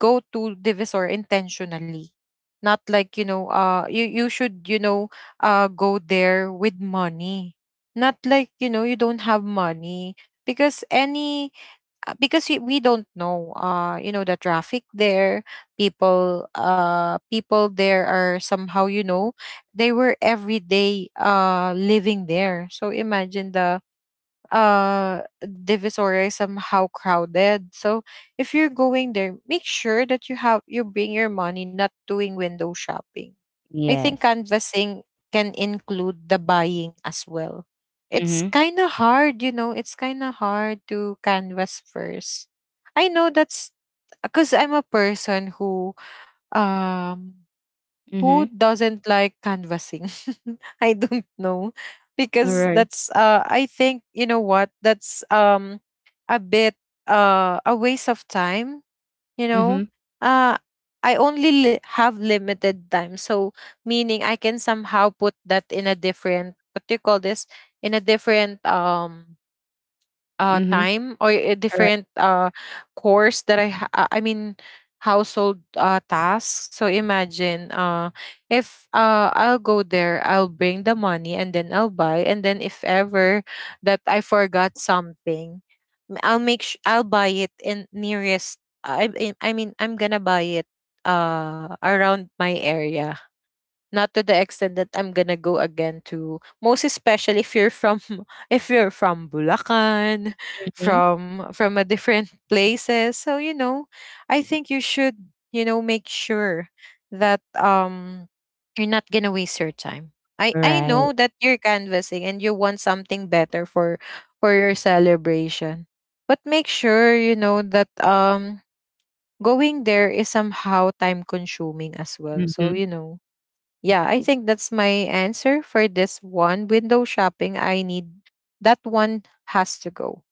Speaker 1: go to divisor intentionally, not like, you know, you should, you know, go there with money, not like, you know, you don't have money. Because any because we don't know, you know, the traffic there, people, people there are somehow, you know, they were every day living there. So imagine, the Divisoria is somehow crowded. So if you're going there, make sure that you have, you bring your money, not doing window shopping. I think
Speaker 2: Yes.
Speaker 1: canvassing can include the buying as well. It's
Speaker 2: Mhm.
Speaker 1: kind of hard, you know, it's kind of hard to canvas first. I know that's because I'm a person who, um who
Speaker 2: Mhm.
Speaker 1: doesn't like canvassing? [laughs] I don't know because
Speaker 2: Right.
Speaker 1: that's I think, you know what, that's a bit a waste of time, you know.
Speaker 2: Mhm.
Speaker 1: Uh I only have limited time. So meaning I can somehow put that in a different, what do you call this, in a different
Speaker 2: Mhm.
Speaker 1: time, or a
Speaker 2: Right.
Speaker 1: different course that I mean household tasks. So imagine, if I'll go there, I'll bring the money, and then I'll buy, and then if ever that I forgot something, I'll make I'll buy it in nearest, I mean I'm gonna buy it around my area, not to the extent that I'm gonna go again to, most especially if you're from [laughs] if you're from Bulacan,
Speaker 2: Mhm.
Speaker 1: from a different places. So you know, I think you should, you know, make sure that you're not gonna waste your time. I know
Speaker 2: Right.
Speaker 1: that you're canvassing and you want something better for your celebration, but make sure, you know, that going there is somehow time consuming as well. So you
Speaker 2: Mhm.
Speaker 1: know, yeah, I think that's my answer for this one. Window shopping, I need that one has to go.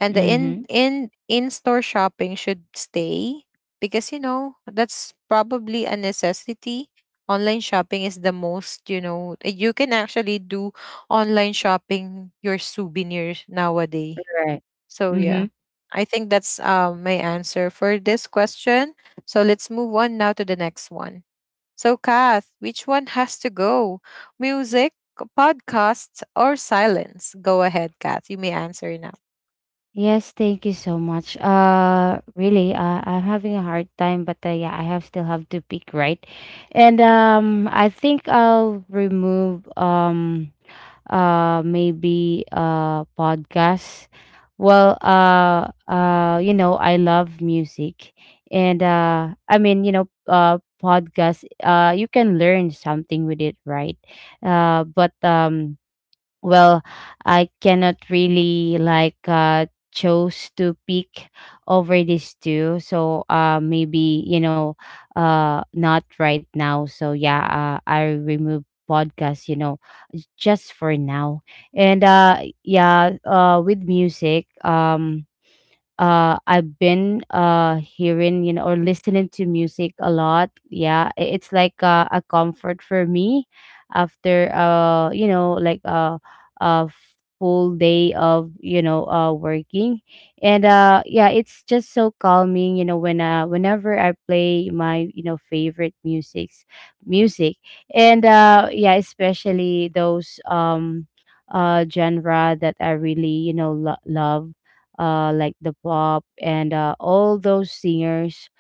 Speaker 1: And the
Speaker 2: Mhm.
Speaker 1: in in-store shopping should stay because you know, that's probably a necessity. Online shopping is the most, you know, you can actually do online shopping your souvenirs nowadays.
Speaker 2: Right.
Speaker 1: So yeah,
Speaker 2: Mhm.
Speaker 1: I think that's my answer for this question. So let's move on now to the next one. So Kath, which one has to go? Music, podcasts, or silence? Go ahead, Kath. You may answer now.
Speaker 2: Yes, thank you so much. Really, I'm having a hard time, but yeah, I have still have to pick, right? And I think I'll remove maybe podcasts. Well, you know, I love music. And I mean, you know, podcast, you can learn something with it, right? But, well, I cannot really, like, chose to pick over these two. So maybe, you know, not right now. So yeah, I remove podcast, you know, just for now. And yeah, with music, I've been hearing, you know, or listening to music a lot. Yeah, it's like a comfort for me after a full day of working. And yeah, it's just so calming, you know, when whenever I play my, you know, favorite music. And yeah, especially those genre that I really, you know, love, like the pop and all those singers,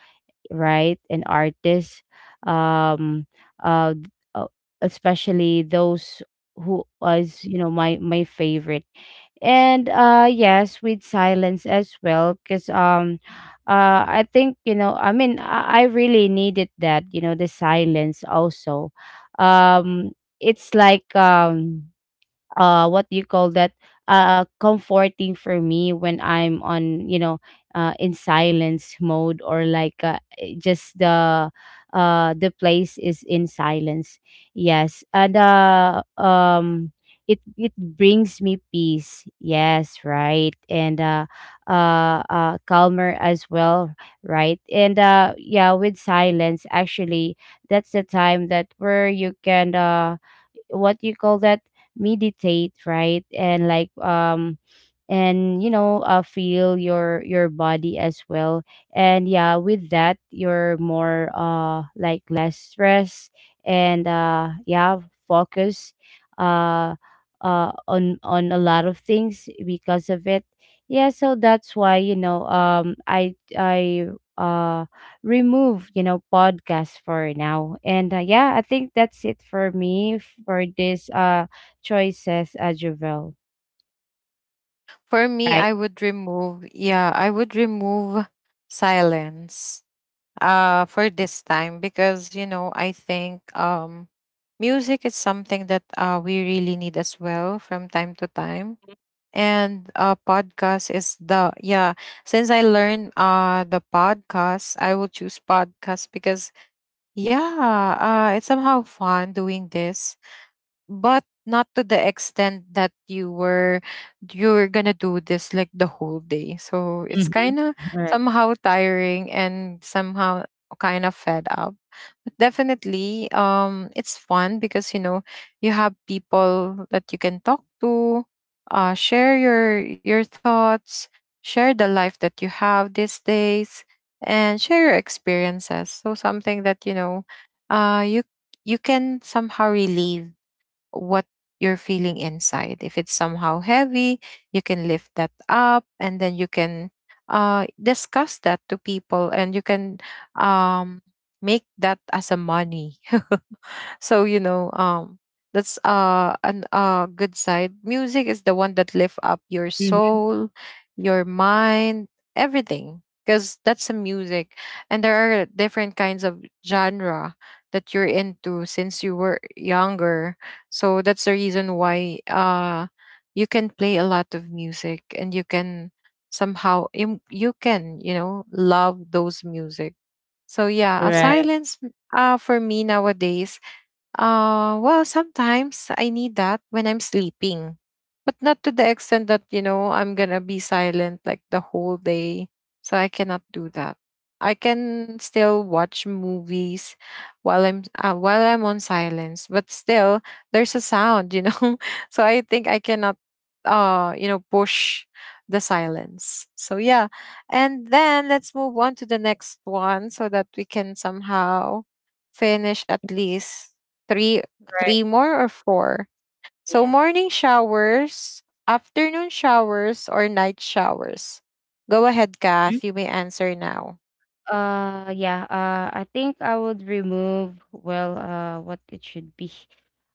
Speaker 2: right, and artists, um, uh, d- uh, especially those who was, you know, my favorite. And yes, with silence as well, because I think, I mean, I really needed that, the silence also. um it's like, what do you call that, comforting for me when I'm on you know in silence mode, or like just the place is in silence. Yes, and it it brings me peace. Yes, right, and calmer as well. Right, and yeah, with silence, actually, that's the time that where you can what you call that, meditate, right? And like and you know feel your body as well. And yeah, with that, you're more like less stress, and yeah, focus uh on a lot of things because of it. Yeah, so that's why, I uh remove, you know, podcast for now. And yeah, I think that's it for me for this choices, Jovel.
Speaker 1: For me,
Speaker 2: Right.
Speaker 1: I would remove, yeah, I would remove silence. For this time, because you know, I think, music is something that we really need as well from time to time. And podcast is the, yeah, since I learned the podcast, I will choose podcast because, yeah, it's somehow fun doing this, but not to the extent that you were gonna do this like the whole day. So it's
Speaker 2: Mhm.
Speaker 1: kind of
Speaker 2: Right.
Speaker 1: somehow tiring and somehow kind of fed up. But definitely, it's fun because you know you have people that you can talk to, share your thoughts, share the life that you have these days, and share your experiences. So something that, you know, uh, you you can somehow relieve what you're feeling inside. If it's somehow heavy, you can lift that up, and then you can discuss that to people, and you can um, make that as a money. So you know, that's an good side. Music is the one that lifts up your
Speaker 2: Mhm.
Speaker 1: soul, your mind, everything. Because that's a music, and there are different kinds of genre that you're into since you were younger. So that's the reason why you can play a lot of music, and you can somehow you can, you know, love those music. So yeah, a
Speaker 2: Right.
Speaker 1: silence for me nowadays, well, sometimes I need that when I'm sleeping, but not to the extent that, you know, I'm gonna be silent like the whole day. So I cannot do that. I can still watch movies while I'm, while I'm on silence, but still there's a sound, you know. [laughs] So I think I cannot, you know, push the silence. So yeah. And then let's move on to the next one, so that we can somehow finish at least three,
Speaker 2: Right.
Speaker 1: three more or four.
Speaker 2: Yeah.
Speaker 1: So morning showers, afternoon showers, or night showers. Go ahead,
Speaker 2: Mhm.
Speaker 1: Kath. You may answer now.
Speaker 2: Yeah, I think I would remove, well, what it should be.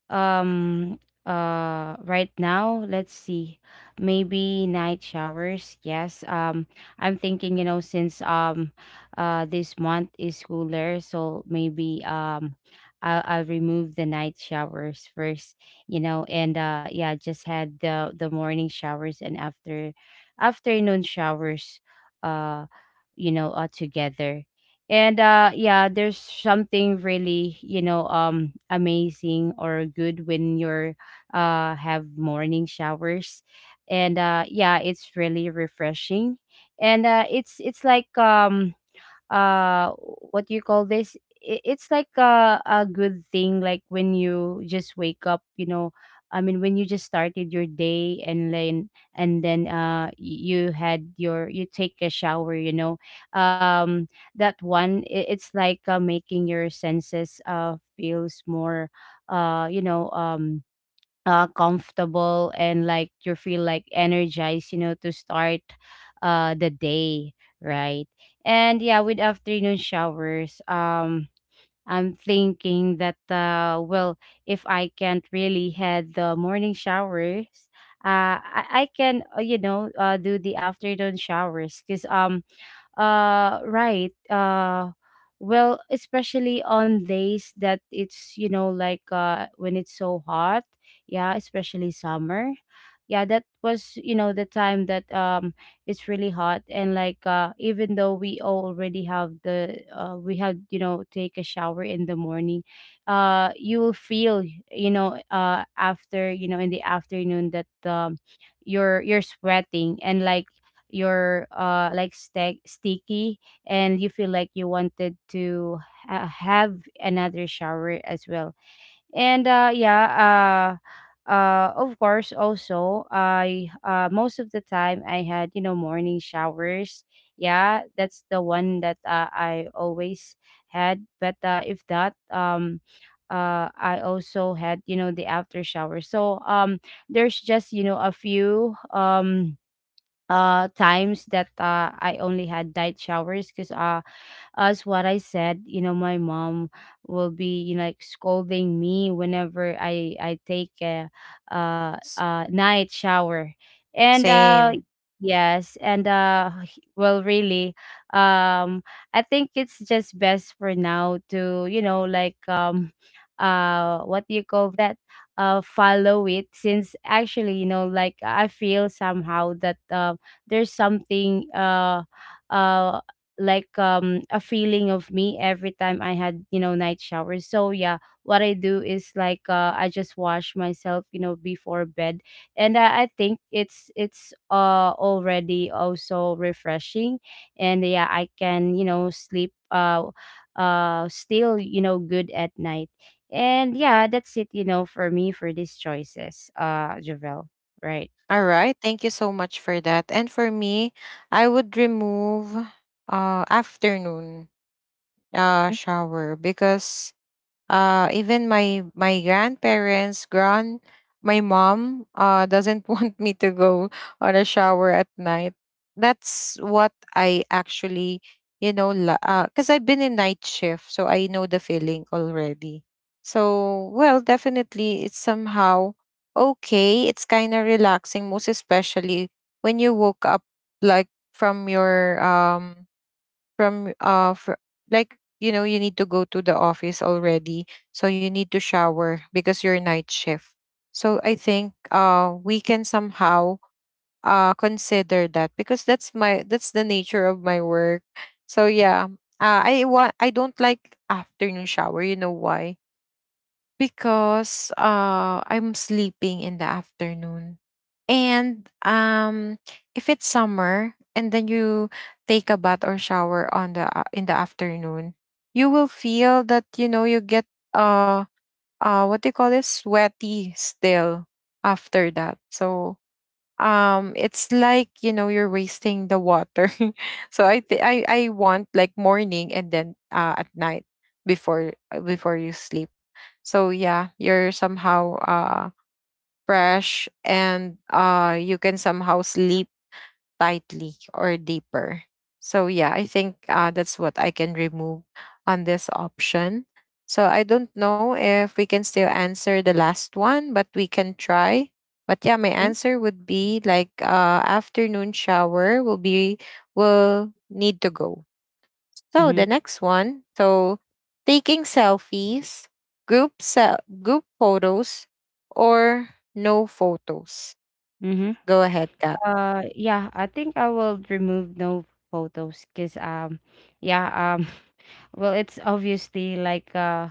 Speaker 2: um right now, let's see, maybe night showers. Yes, I'm thinking, you know, since this month is cooler, so maybe, um, I'll remove the night showers first, you know, and yeah, just had the morning showers and afternoon showers, uh you know, together. And yeah, there's something really, you know, amazing or good when you're have morning showers. And yeah, it's really refreshing. And it's like, uh what do you call this, I- it's like a good thing, like when you just wake up, you know, I mean, when you just started your day, and then you had your, you take a shower, you know. um that one, I- it's like, making your senses feels more uh you know um comfortable, and like you feel like energized, you know, to start the day, right? And yeah, with afternoon showers, I'm thinking that, well, if I can't really had the morning showers, uh, I can, you know, do the afternoon showers, because right, well, especially on days that it's, you know, like when it's so hot. Yeah, especially summer. Yeah, that was, you know, the time that it's really hot, and like even though we already have the we had, you know, take a shower in the morning, you will feel, you know, in the afternoon that you're sweating, and like you're, like sticky, and you feel like you wanted to have another shower as well. And yeah, of course, also I most of the time I had, you know, morning showers. Yeah, that's the one that, I always had. But if that, I also had, you know, the after shower, so there's just, you know, a few, times that, I only had night showers, cause as what I said, you know, my mom will be, you know, like scolding me whenever I take a,
Speaker 1: S-
Speaker 2: night shower, and
Speaker 1: Same.
Speaker 2: yes, and [laughs] well, really, um I think it's just best for now to, you know, like, what do you call that, follow it, since actually, you know, like I feel somehow that, there's something, uh like a feeling of me every time I had, you know, night showers. So yeah, what I do is, like, I just wash myself, you know, before bed. And I think it's already also refreshing. And yeah, I can, you know, sleep still, you know, good at night. And yeah, that's it, you know, for me for these choices, Javel. Right.
Speaker 1: All right. Thank you so much for that. And for me, I would remove afternoon shower. Because even my grandparents, grand, my mom doesn't [laughs] want me to go on a shower at night. That's what I actually, you know, cuz I've been in night shift, so I know the feeling already. So well, definitely it's somehow okay, it's kind of relaxing, most especially when you woke up, like from your from like you know, you need to go to the office already, so you need to shower because you're night shift. So I think we can somehow consider that, because that's my, that's the nature of my work. So yeah, I don't like afternoon shower, you know why? Because I'm sleeping in the afternoon. And if it's summer, and then you take a bath or shower on in the afternoon, you will feel that, you know, you get uh what do you call it, sweaty still after that. So it's like, you know, you're wasting the water. [laughs] So I th- I want like morning, and then at night, before, before you sleep. So yeah, you're somehow fresh, and you can somehow sleep tightly or deeper. So yeah, I think that's what I can remove on this option. So I don't know if we can still answer the last one, but we can try. But yeah, my
Speaker 2: Mhm,
Speaker 1: answer would be like afternoon shower will be, will need to go. So
Speaker 2: mhm,
Speaker 1: the next one, so taking selfies, group photos, or no photos.
Speaker 2: mhm.
Speaker 1: Go ahead, Kat.
Speaker 2: Yeah, I think I will remove no photos because, yeah, um, well, it's obviously like uh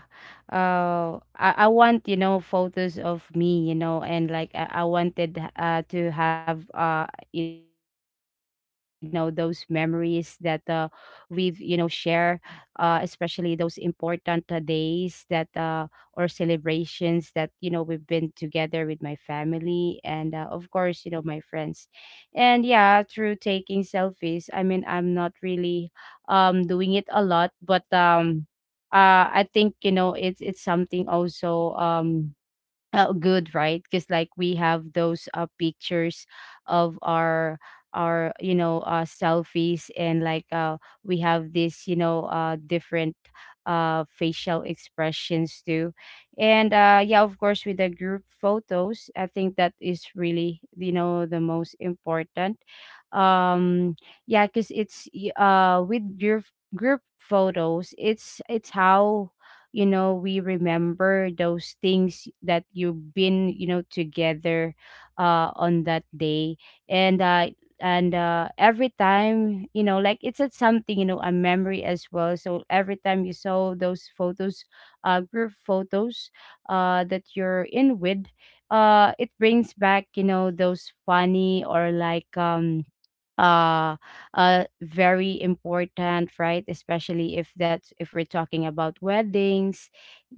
Speaker 2: uh I, I want, you know, photos of me, you know, and like I wanted to have you know, those memories that we've, you know, share, especially those important, days that or celebrations that, you know, we've been together with my family, and of course, you know, my friends. And yeah, through taking selfies, I mean, I'm not really doing it a lot, but I think, you know, it's something also, good, right? Because like we have those, pictures of our you know, selfies, and like, we have this, you know, different, facial expressions too. And yeah, of course, with the group photos, I think that is really, you know, the most important. um yeah, because it's with group photos, it's how, you know, we remember those things that you've been, you know, together on that day. And every time, you know, like it's a something, you know, a memory as well, so every time you saw those photos, group photos, that you're in with, it brings back, you know, those funny or like, uh very important, right, especially if that's, if we're talking about weddings,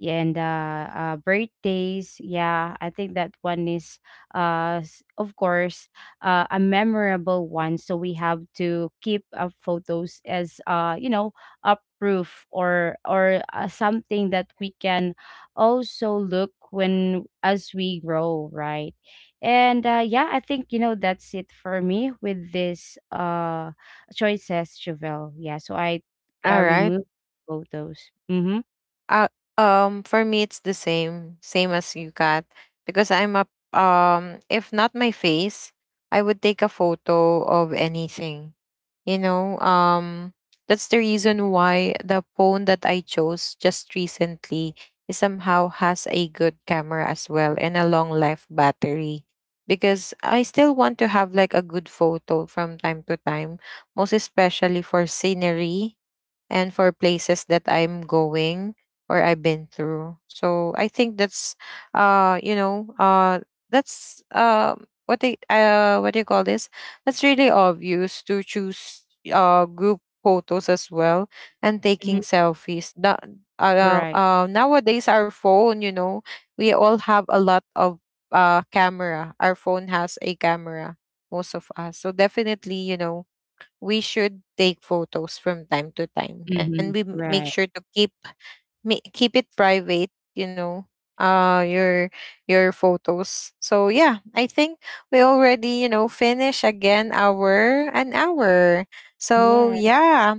Speaker 2: and birthdays. Yeah, I think that one is, of course, a memorable one, so we have to keep, photos as, you know, a proof or something that we can also look when as we grow, right? And yeah, I think, you know, that's it for me with this choices, chevelle. Yeah, so I
Speaker 1: All right.
Speaker 2: removed both those. Mm-hmm,
Speaker 1: Uh, for me, it's the same, same as you got, because I'm a If not my face, I would take a photo of anything. You know, that's the reason why the phone that I chose just recently is somehow has a good camera as well, and a long life battery. Because I still want to have like a good photo from time to time, most especially for scenery and for places that I'm going or I've been through. So I think that's you know, that's what they, what do you call this, that's really obvious to choose group photos as well, and taking
Speaker 2: mm-hmm.
Speaker 1: selfies. Now,
Speaker 2: Right.
Speaker 1: nowadays our phone, you know, we all have a lot of camera. Our phone has a camera, most of us. So definitely, you know, we should take photos from time to time, and we
Speaker 2: Mm-hmm.
Speaker 1: make sure
Speaker 2: Right.
Speaker 1: to keep, keep it private, you know, uh your your photos. So yeah, I think we already, you know, finish again our an hour. So
Speaker 2: Yeah.
Speaker 1: yeah,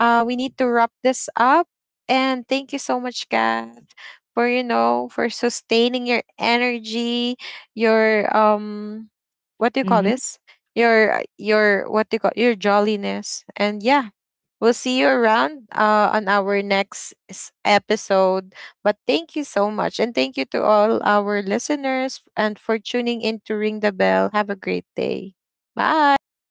Speaker 1: we need to wrap this up. And thank you so much, Kath, for, you know, for sustaining your energy, your, what do you call
Speaker 2: Mm-hmm.
Speaker 1: this, your, what do you call, your jolliness? And yeah, we'll see you around on our next episode. But thank you so much, and thank you to all our listeners and for tuning in to Ring the Bell. Have a great day. Bye.